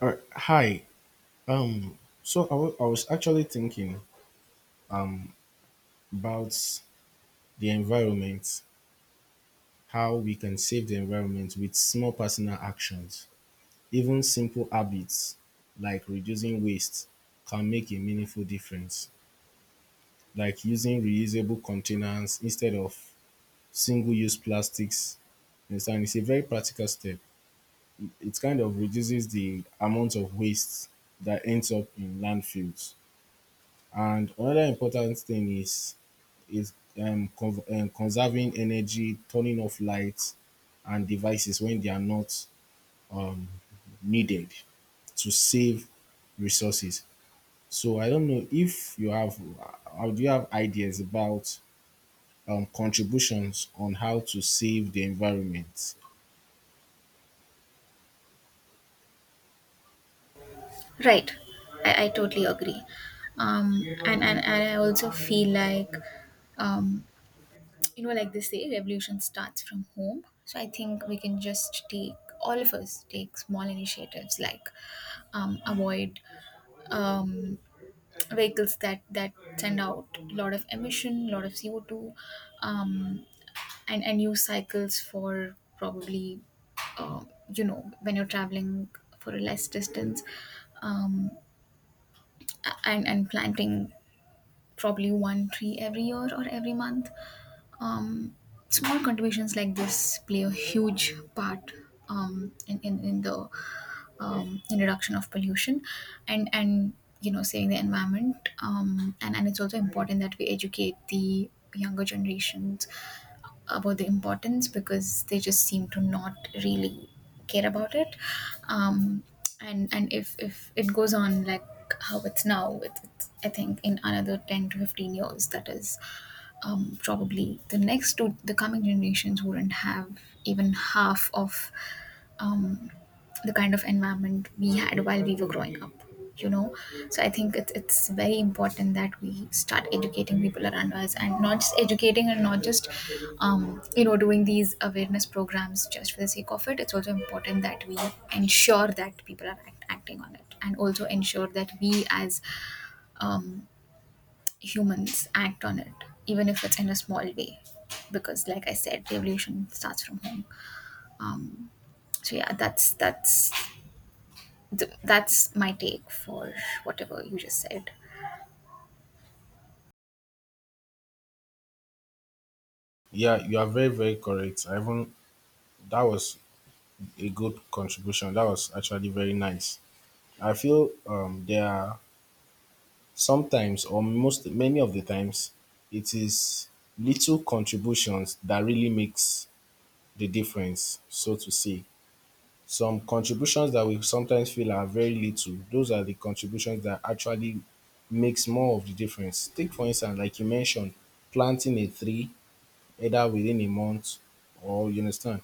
Hi. I was actually thinking about the environment, how we can save the environment with small personal actions. Even simple habits like reducing waste can make a meaningful difference, like using reusable containers instead of single use plastics. You Understand? It's a very practical step. It kind of reduces the amount of waste that ends up in landfills. And another important thing is conserving energy, turning off lights and devices when they are not um, needed to save resources. So I don't know if you have, or do you have ideas about contributions on how to save the environment? Right. I totally agree. And I also feel like, um, like they say, revolution starts from home. So I think we can just take, all of us take small initiatives, like avoid um, vehicles that send out a lot of emission, a lot of CO2, um, and use cycles for probably, um, when you're traveling for a less distance, um, and planting probably one tree every year or every month. um, Small contributions like this play a huge part in the in reduction of pollution, and saving the environment, and it's also important that we educate the younger generations about the importance, because they just seem to not really care about it. Um, and and if it goes on like how it's now, it's I think in another 10 to 15 years, that is, probably the next to the coming generations wouldn't have even half of um, the kind of environment we had while we were growing up you know so I think it's very important that we start educating people around us, and not just educating, and not just doing these awareness programs just for the sake of it. It's also important that we ensure that people are acting on it, and also ensure that we as um, humans act on it, even if it's in a small way, because like I said, revolution starts from home um, so, yeah, that's my take for whatever you just said. Yeah, you are very, very correct. I even that was a good contribution. That was actually very nice. I feel there are sometimes, or most many of the times, it is little contributions that really makes the difference, so to say. Some contributions that we sometimes feel are very little, those are the contributions that actually makes more of the difference. Take for instance, like you mentioned, planting a tree either within a month or you understand.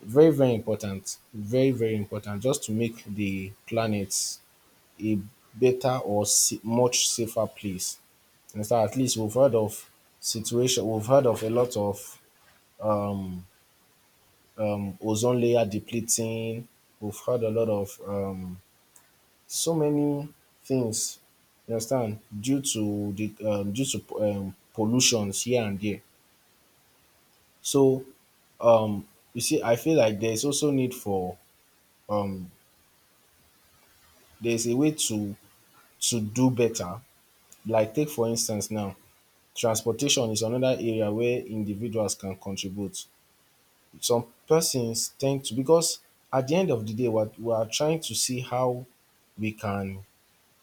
Very, very important. Very, very important just to make the planet a much safer place. Understand? At least we've heard of situation. We've heard of a lot of ozone layer depleting. We've heard a lot of so many things. You understand? Due to the due to pollutions here and there. So um, you see, I feel like there's also need for um, there's a way to do better. Like take for instance now, transportation is another area where individuals can contribute. Some persons tend to because at the end of the day, what we are trying to see how we can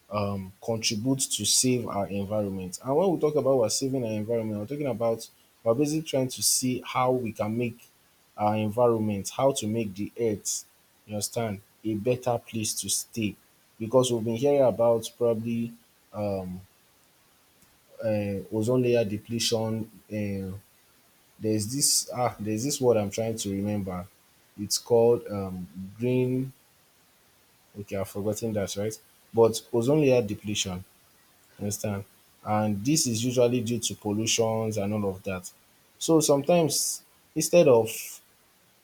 contribute to save our environment. And when we talk about we're saving our environment, we're talking about we're basically trying to see how we can make our environment, how to make the earth, you understand, a better place to stay. Because we've been hearing about probably um, ozone layer depletion, there's this ah there's this word I'm trying to remember. It's called green. Okay, I've forgotten that, right? But ozone layer depletion. You Understand? And this is usually due to pollutions and all of that. So sometimes instead of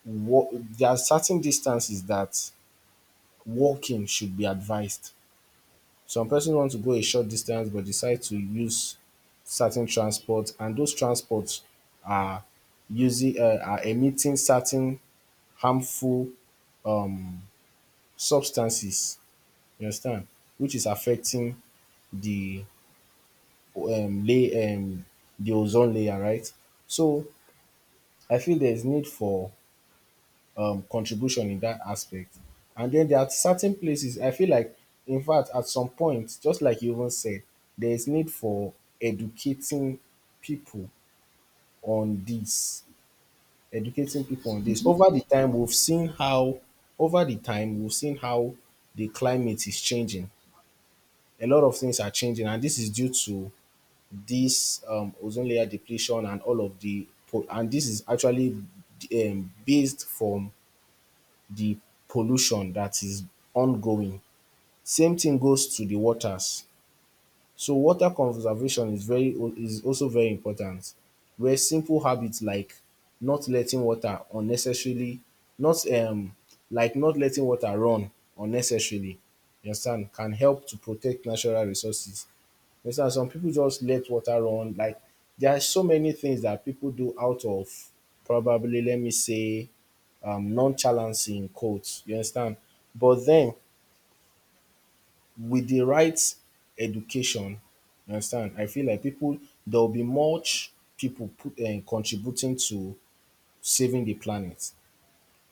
there are certain distances that walking should be advised. Some person want to go a short distance but decide to use certain transport and those transports are using are emitting certain harmful um, substances, you understand, which is affecting the lay the ozone layer, right? So I feel there is need for contribution in that aspect. And then there are certain places I feel like, in fact, at some point, just like you even said, there is need for educating people on this. Educating people on this. Over the time we've seen how the climate is changing. A lot of things are changing, and this is due to this ozone layer depletion and all of the po- and this is actually based from the pollution that is ongoing. Same thing goes to the waters. So water conservation is also very important where simple habits like not letting water unnecessarily not um not letting water run unnecessarily you understand can help to protect natural resources. You understand some people just let water run like there are so many things that people do out of probably let me say nonchalancy in quotes you understand but then with the right education, you understand, I feel like people there will be much people put and contributing to saving the planet.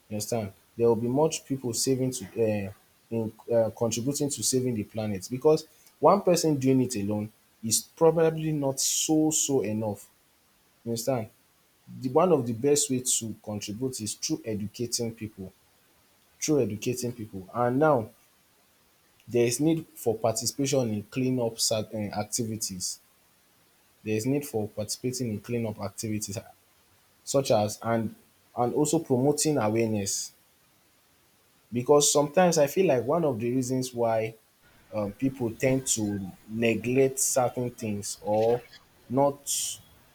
You understand? There will be much people saving uh, contributing to saving the planet because one person doing it alone is probably not so enough. You understand? The one of the best way to contribute is through educating people, and now there is need for participation in clean up certain activities. There is need for participating in cleanup activities such as and also promoting awareness because sometimes I feel like one of the reasons why people tend to neglect certain things or not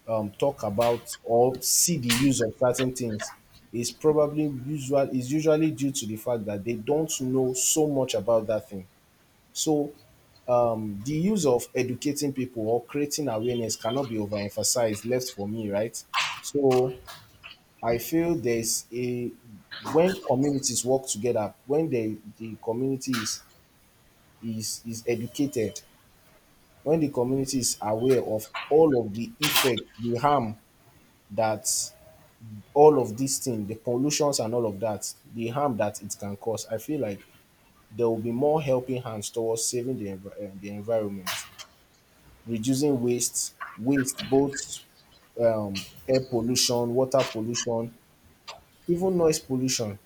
talk about or see the use of certain things is probably usual is usually due to the fact that they don't know so much about that thing. So the use of educating people or creating awareness cannot be overemphasized, left for me, right? So I feel there's a when communities work together, when the community is educated, when the community is aware of all of the effect, the harm that all of these things, the pollutions and all of that, the harm that it can cause, I feel like there will be more helping hands towards saving the environment. Reducing waste both air pollution, water pollution, even noise pollution.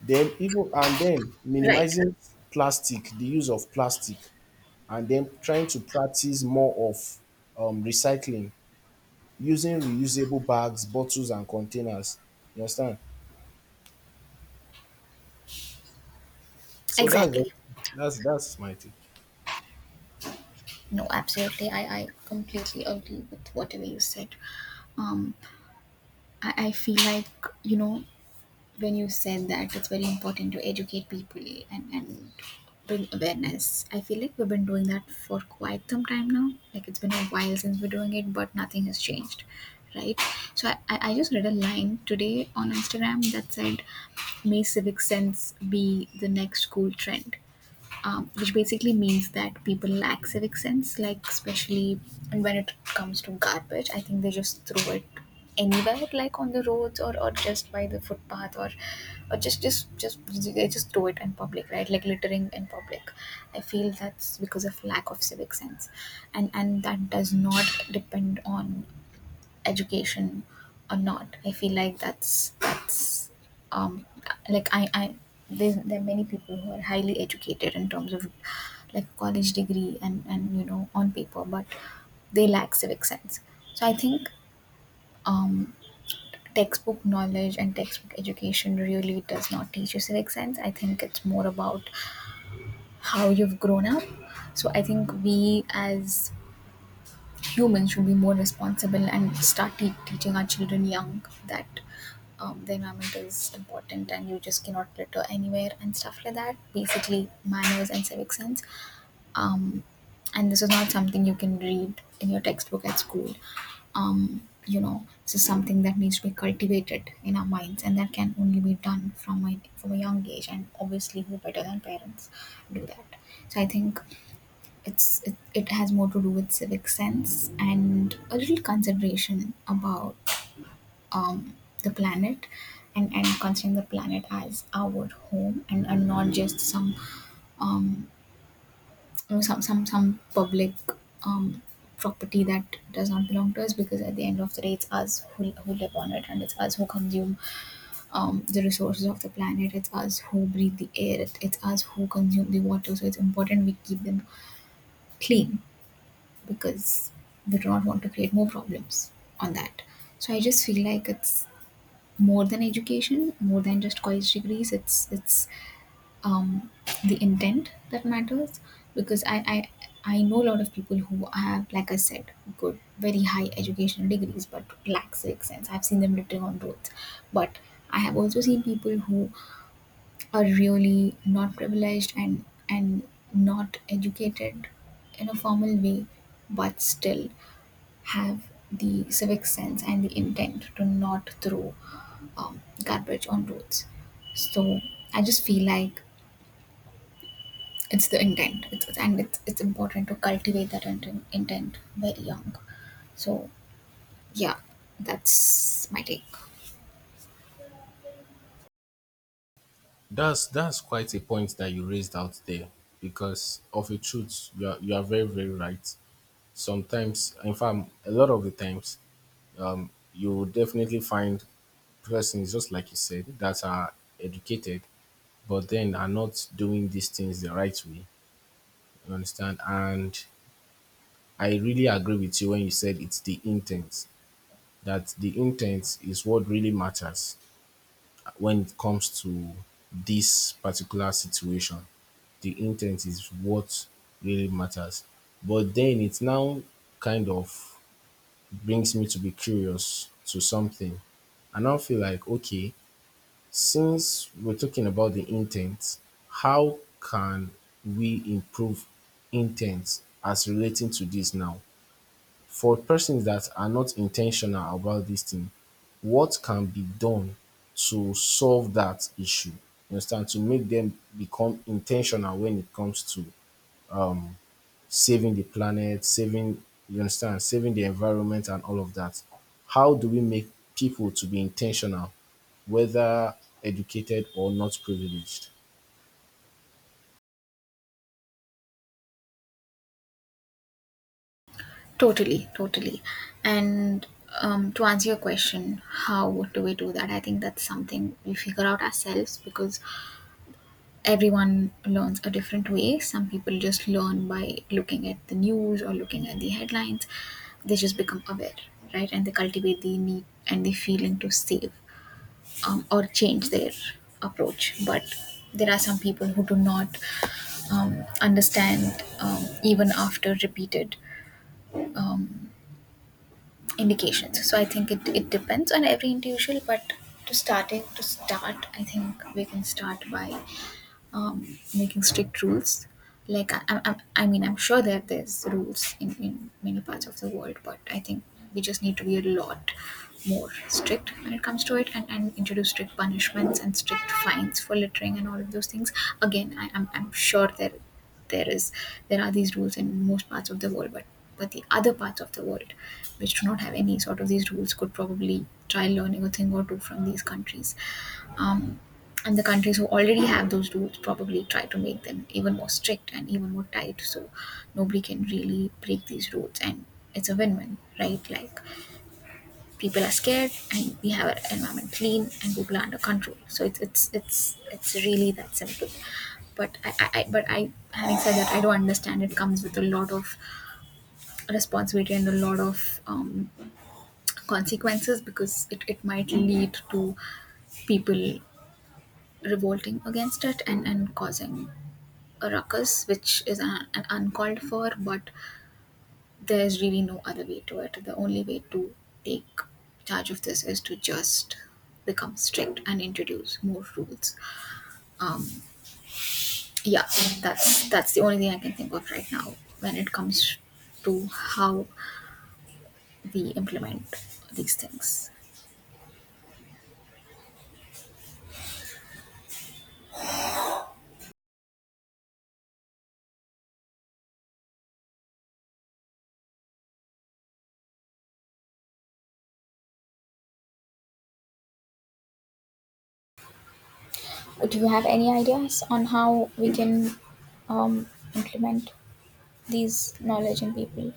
Then even and then Right. minimizing plastic, the use of plastic, and then trying to practice more of recycling, using reusable bags, bottles, and containers. You understand? So that's Exactly. that's that's my take. No, absolutely. I completely agree with whatever you said. Um, I feel like, you know, when you said that it's very important to educate people and bring awareness, I feel like we've been doing that for quite some time now. Like, it's been a while since we're doing it, but nothing has changed, right? So I just read a line today on Instagram that said, "May civic sense be the next cool trend," which basically means that people lack civic sense, like, especially when it comes to garbage. I think they just throw it anywhere, like on the roads, or just by the footpath, or just they just throw it in public, right? Like, littering in public. I feel that's because of lack of civic sense, and that does not depend on education or not. I feel like that's um like there are many people who are highly educated in terms of, like, college degree and on paper, but they lack civic sense. So I think um textbook knowledge and textbook education really does not teach you civic sense. I think it's more about how you've grown up. So I think we as humans should be more responsible and start teaching our children young that the environment is important and you just cannot litter anywhere and stuff like that. Basically, manners and civic sense. Um, and this is not something you can read in your textbook at school. This is something that needs to be cultivated in our minds, and that can only be done from a young age. And obviously, who better than parents do that? So I think it has more to do with civic sense and a little consideration about um, the planet, and considering the planet as our home, and not just some um, some public um, property that does not belong to us, because at the end of the day, it's us who live on it, and it's us who consume the resources of the planet, it's us who breathe the air, it's us who consume the water, so it's important we keep them clean, because we do not want to create more problems on that. So I just feel like it's more than education, more than just college degrees. It's um, the intent that matters, because I know a lot of people who have, like I said, good, very high educational degrees but lack civic sense. I've seen them littering on roads, but I have also seen people who are really not privileged and not educated in a formal way, but still have the civic sense and the intent to not throw garbage on roads. So I just feel like it's the intent. It's important to cultivate that intent very young. So, yeah, that's my take. That's quite a point that you raised out there because of a truth, you are very, very right. Sometimes in fact a lot of the times you will definitely find persons just like you said that are educated but then are not doing these things the right way you understand and I really agree with you when you said it's the intent that the intent is what really matters when it comes to this particular situation. The intent is what really matters, but then it's now kind of brings me to be curious to something. I now feel like, okay, since we're talking about the intent, how can we improve intent as relating to this now? For persons that are not intentional about this thing, what can be done to solve that issue? You understand? To make them become intentional when it comes to um saving the planet, saving, you understand, saving the environment and all of that. How do we make people to be intentional, whether educated or not privileged? Totally, totally. And, to answer your question, how do we do that? I think that's something we figure out ourselves, because everyone learns a different way. Some people just learn by looking at the news or looking at the headlines. They just become aware, right? And they cultivate the need and the feeling to save, or change their approach. But there are some people who do not understand, even after repeated um, indications. So I think it depends on every individual, but to start, I think we can start by making strict rules. Like, I mean, I'm sure that there's rules in many parts of the world, but I think we just need to be a lot more strict when it comes to it, and introduce strict punishments and strict fines for littering and all of those things. Again, I'm sure there is there are these rules in most parts of the world, but the other parts of the world, which do not have any sort of these rules, could probably try learning a thing or two from these countries, um, and the countries who already have those rules probably try to make them even more strict and even more tight, so nobody can really break these rules. And it's a win-win, right? Like, people are scared and we have our environment clean and people are under control, so it's really that simple. But I, having said that, I do understand it comes with a lot of responsibility and a lot of consequences, because it might lead to people revolting against it, and causing a ruckus, which is an uncalled for, but there's really no other way to it. The only way to take charge of this is to just become strict and introduce more rules. Yeah, that's the only thing I can think of right now, when it comes to how we implement these things. Do you have any ideas on how we can um, implement these knowledge in people?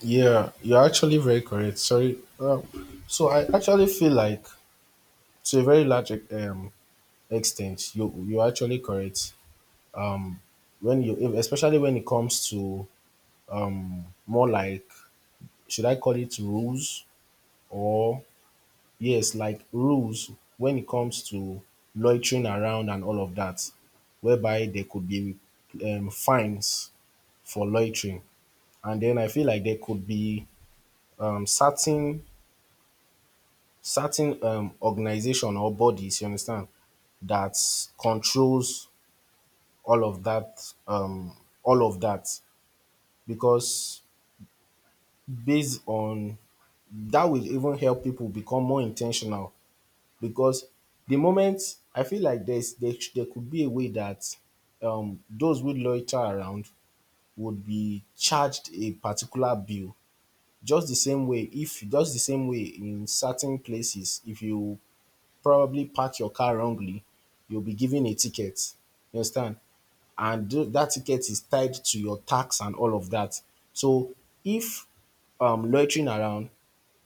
Yeah, you're actually very correct. Sorry. So I actually feel like, to a very large extent, you're actually correct. When you, if- Especially when it comes to more like, should I call it rules or yes, like rules when it comes to loitering around and all of that, whereby there could be fines for loitering. And then I feel like there could be um, certain certain organization or bodies, you understand, that controls all of that, all of that, because based on that will even help people become more intentional because the moment I feel like there could be a way that those who loiter around would be charged a particular bill, just the same way in certain places if you probably park your car wrongly, you'll be given a ticket. You understand? And that ticket is tied to your tax and all of that. So if loitering around,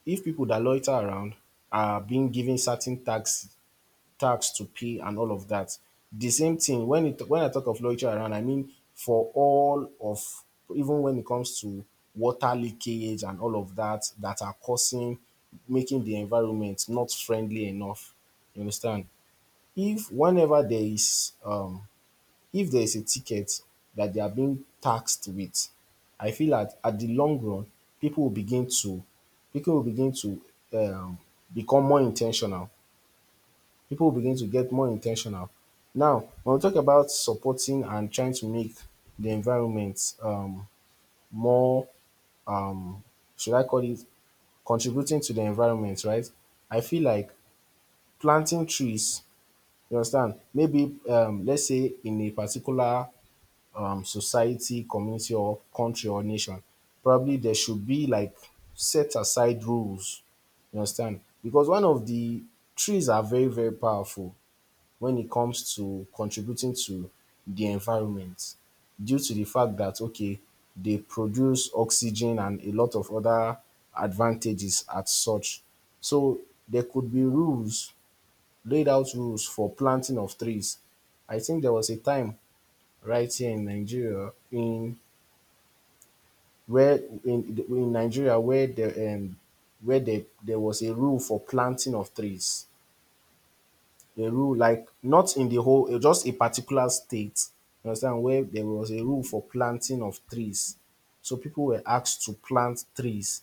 if people that loiter around are being given certain tax to pay and all of that. The same thing when it when I talk of luxury around, I mean for all of even when it comes to water leakage and all of that that are causing making the environment not friendly enough. You understand? If whenever there is if there is a ticket that they are being taxed with, I feel that at the long run, people will begin to people will begin to um become more intentional people begin to get more intentional. Now, when we talk about supporting and trying to make the environment more, um, should I call it contributing to the environment, right? I feel like planting trees, you understand? Maybe, let's say, in a particular society, community, or country or nation, probably there should be like set aside rules, you understand? Because one of the trees are very, very powerful when it comes to contributing to the environment due to the fact that okay they produce oxygen and a lot of other advantages as such. So there could be laid out rules for planting of trees. I think there was a time right here in Nigeria in where in Nigeria where there was a rule for planting of trees. A rule like not in the whole just a particular state, you understand, where there was a rule for planting of trees. So people were asked to plant trees.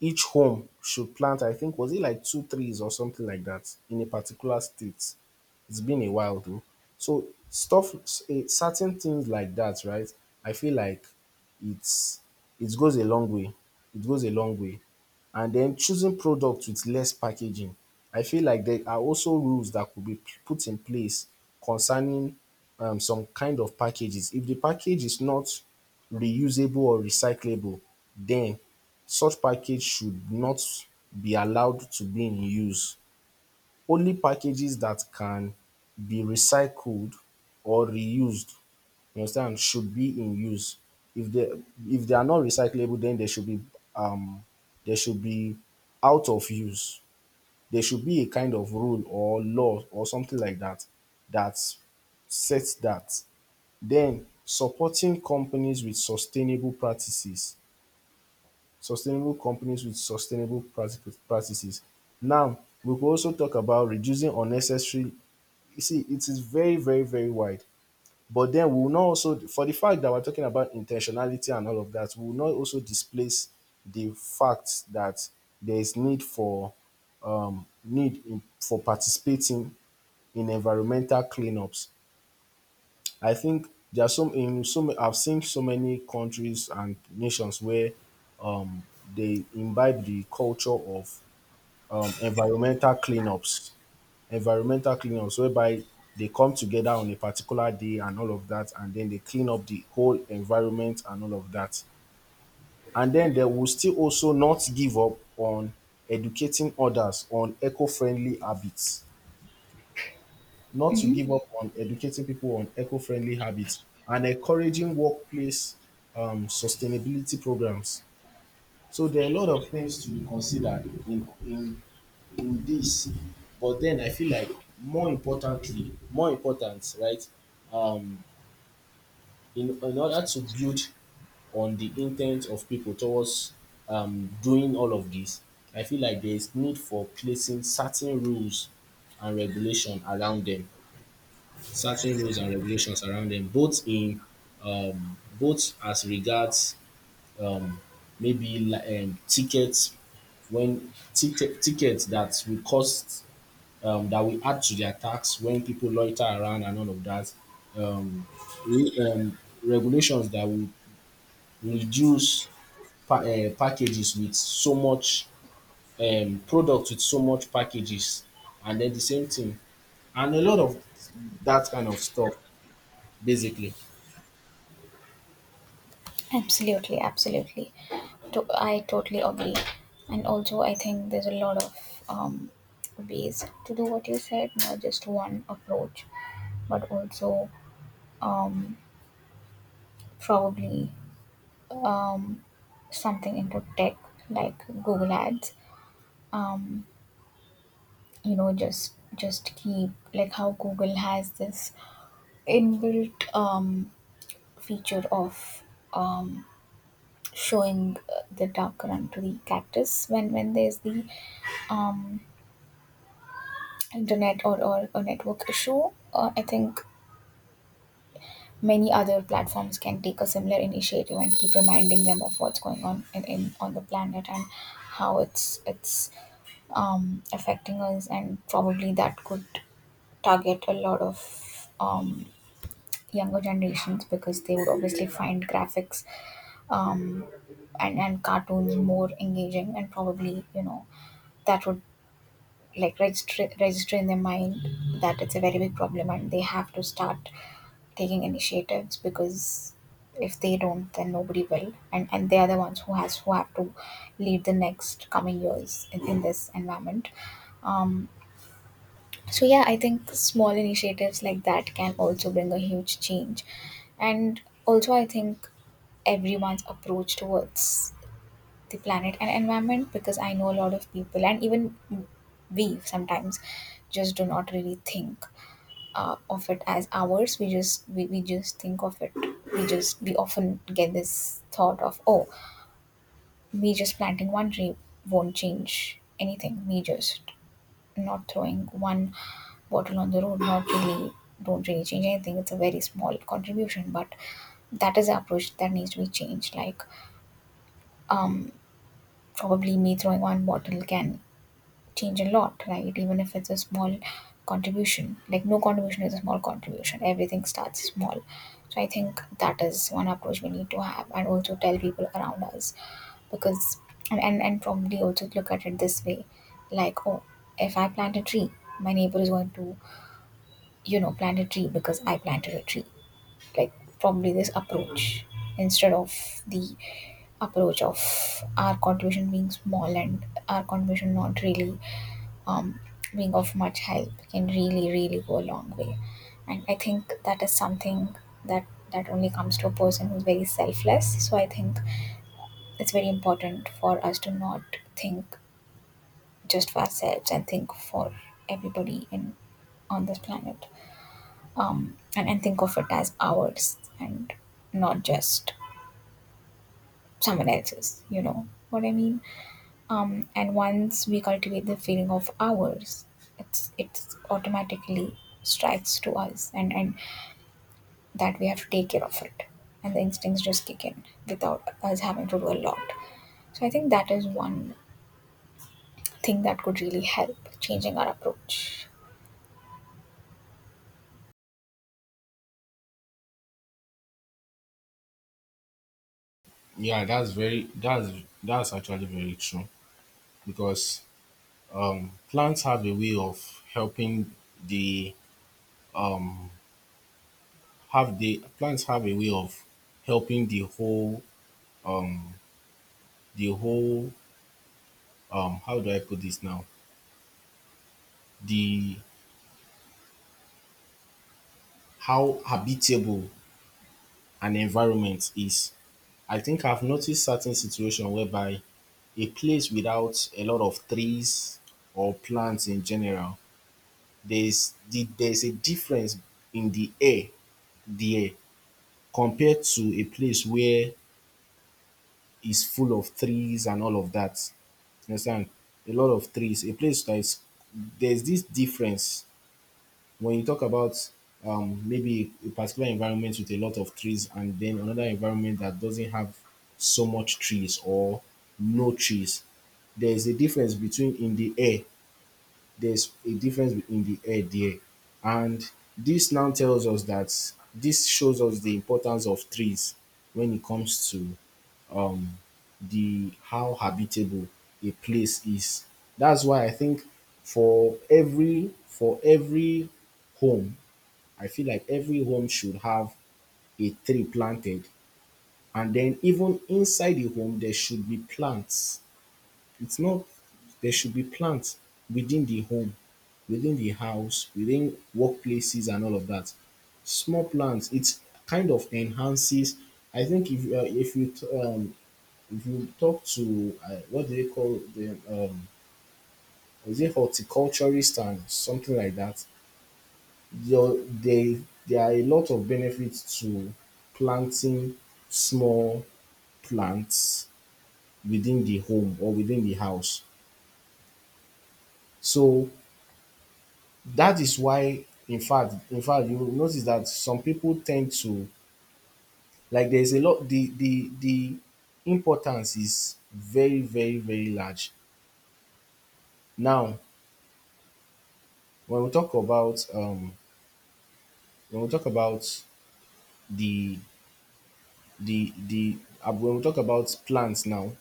Each home should plant, I think, was it like two trees or something like that in a particular state. It's been a while though. So certain things like that, right? I feel like it's it goes a long way. It goes a long way. And then choosing products with less packaging. I feel like there are also rules that could be put in place concerning some kind of packages. If the package is not reusable or recyclable, then such package should not be allowed to be in use. Only packages that can be recycled or reused, you understand, should be in use. If they if they are not recyclable, then um they should be out of use. There should be a kind of rule or law or something like that that sets that. Then supporting companies with sustainable practices, sustainable companies with sustainable practices. Now we could also talk about reducing unnecessary, you see, it is very, very, very wide. But then we will not also, for the fact that we're talking about intentionality and all of that, we will not also displace the fact that there is need for for participating in environmental cleanups. I think there are some I've seen so many countries and nations where um, they imbibe the culture of um, environmental cleanups, environmental cleanups whereby they come together on a particular day and all of that, and then they clean up the whole environment and all of that. And then they will still also not give up on educating others on eco-friendly habits, not to give up on educating people on eco-friendly habits and encouraging workplace sustainability programs. So there are a lot of things to be considered in this, but then I feel like more importantly, more important, right? Um, in order to build on the intent of people towards doing all of this, I feel like there is need for placing certain rules and regulation around them, certain rules and regulations around them, both in, both as regards um, maybe tickets, when tickets that will cost, that will add to their tax when people loiter around and all of that. Um, re- um, Regulations that will reduce packages with so much, product with so much packages, and then the same thing, and a lot of that kind of stuff. Basically, Absolutely, absolutely. I totally agree. And also, I think there's a lot of ways to do what you said, not just one approach, but also probably something into tech, like Google Ads. You know, just keep like how Google has this inbuilt feature of showing the dark run to the cactus when there's the um, internet, or a network issue. I think many other platforms can take a similar initiative and keep reminding them of what's going on in on the planet, and how it's affecting us, and probably that could target a lot of younger generations, because they would obviously find graphics um, and cartoons more engaging, and probably, that would, like, register in their mind that it's a very big problem and they have to start taking initiatives, because if they don't, then nobody will, and they are the ones who have to lead the next coming years in this environment um so, yeah, I think small initiatives like that can also bring a huge change. And also, I think everyone's approach towards the planet and environment, because I know a lot of people, and even we sometimes just do not really think of it as ours. We just think of it. We often get this thought of, oh, me just planting one tree won't change anything. Me just not throwing one bottle on the road not really don't really change anything. It's a very small contribution, but that is the approach that needs to be changed. Like, um, probably me throwing one bottle can change a lot, right? Even if it's a small contribution, like, no contribution is a small contribution. Everything starts small. So I think that is one approach we need to have, and also tell people around us, because, and probably also look at it this way, like, oh, if I plant a tree, my neighbor is going to, plant a tree because I planted a tree. Like, probably this approach, instead of the approach of our contribution being small and our contribution not really um, being of much help, can really really go a long way. And I think that is something that that only comes to a person who's very selfless. So I think it's very important for us to not think just for ourselves and think for everybody in on this planet, and think of it as ours and not just someone else's, you know what I mean? And once we cultivate the feeling of ours, it's automatically strikes to us, and that we have to take care of it, and the instincts just kick in without us having to do a lot. So I think that is one thing that could really help changing our approach. yeah, that's that's actually very true, because plants have a way of helping the um, have the plants have a way of helping the whole how do I put this now, the how habitable an environment is. I think I've noticed certain situation whereby a place without a lot of trees or plants in general, there's a difference in the air there compared to a place where is full of trees and all of that. You understand? A lot of trees. A place that is, there's this difference when you talk about, maybe a particular environment with a lot of trees and then another environment that doesn't have so much trees or no trees. There's a difference between in the air. There's a difference in the air there. And this now tells us that, this shows us the importance of trees when it comes to um the how habitable a place is. That's why I think for every home, I feel like every home should have a tree planted. And then even inside the home, there should be plants. It's not, there should be plants within the home, within the house, within workplaces and all of that. Small plants, it's kind of enhances. I think if you if you talk to what do they call them, is it horticulturist and something like that, your, they, there are a lot of benefits to planting small plants within the home or within the house. So that is why, in fact, you will notice that some people tend to, like, there's a lot, the importance is very, very, very large. Now when we talk about when we talk about the the when we talk about plants now,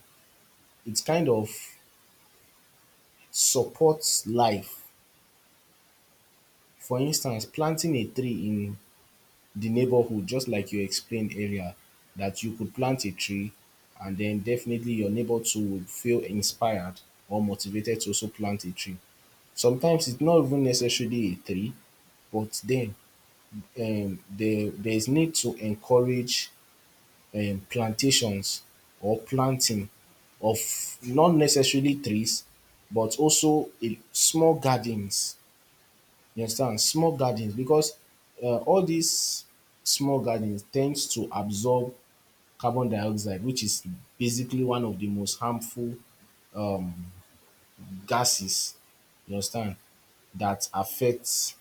it kind of supports life. For instance, planting a tree in the neighborhood, just like you explained earlier, that you could plant a tree and then definitely your neighbor too would feel inspired or motivated to also plant a tree. Sometimes it's not even necessarily a tree, but then, there's need to encourage plantations or planting of not necessarily trees but also a small gardens. You understand? Small gardens, because all these small gardens tends to absorb carbon dioxide, which is basically one of the most harmful gases. You understand? That affects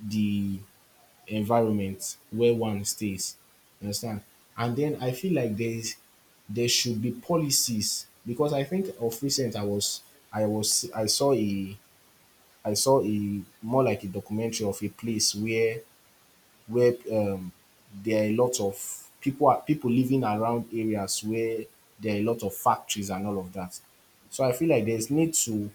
the environment where one stays. You understand? And then I feel like there is, there should be policies, because I think of recent I was I saw a more like a documentary of a place where, where um there are a lot of people, are people living around areas where there are a lot of factories and all of that. So I feel like there's need to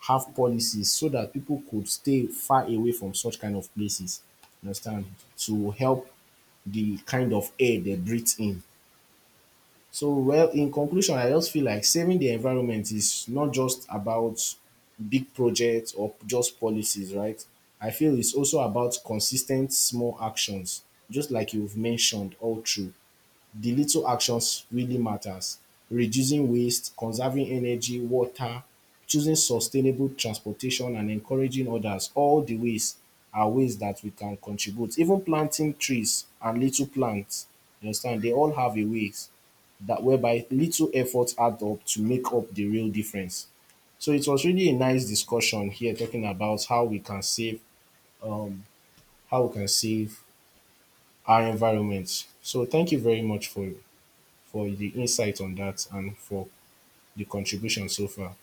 have policies so that people could stay far away from such kind of places. You understand? To help the kind of air they breathe in. So, well, in conclusion, I just feel like saving the environment is not just about big projects or just policies, right? I feel it's also about consistent small actions, just like you've mentioned all through. The little actions really matters. Reducing waste, conserving energy, water, choosing sustainable transportation and encouraging others, all the ways are ways that we can contribute. Even planting trees and little plants, you understand, they all have a ways that whereby little efforts add up to make up the real difference. So it was really a nice discussion here talking about how we can save um how we can save our environment. So thank you very much for di insight on dat and for di contribution so far.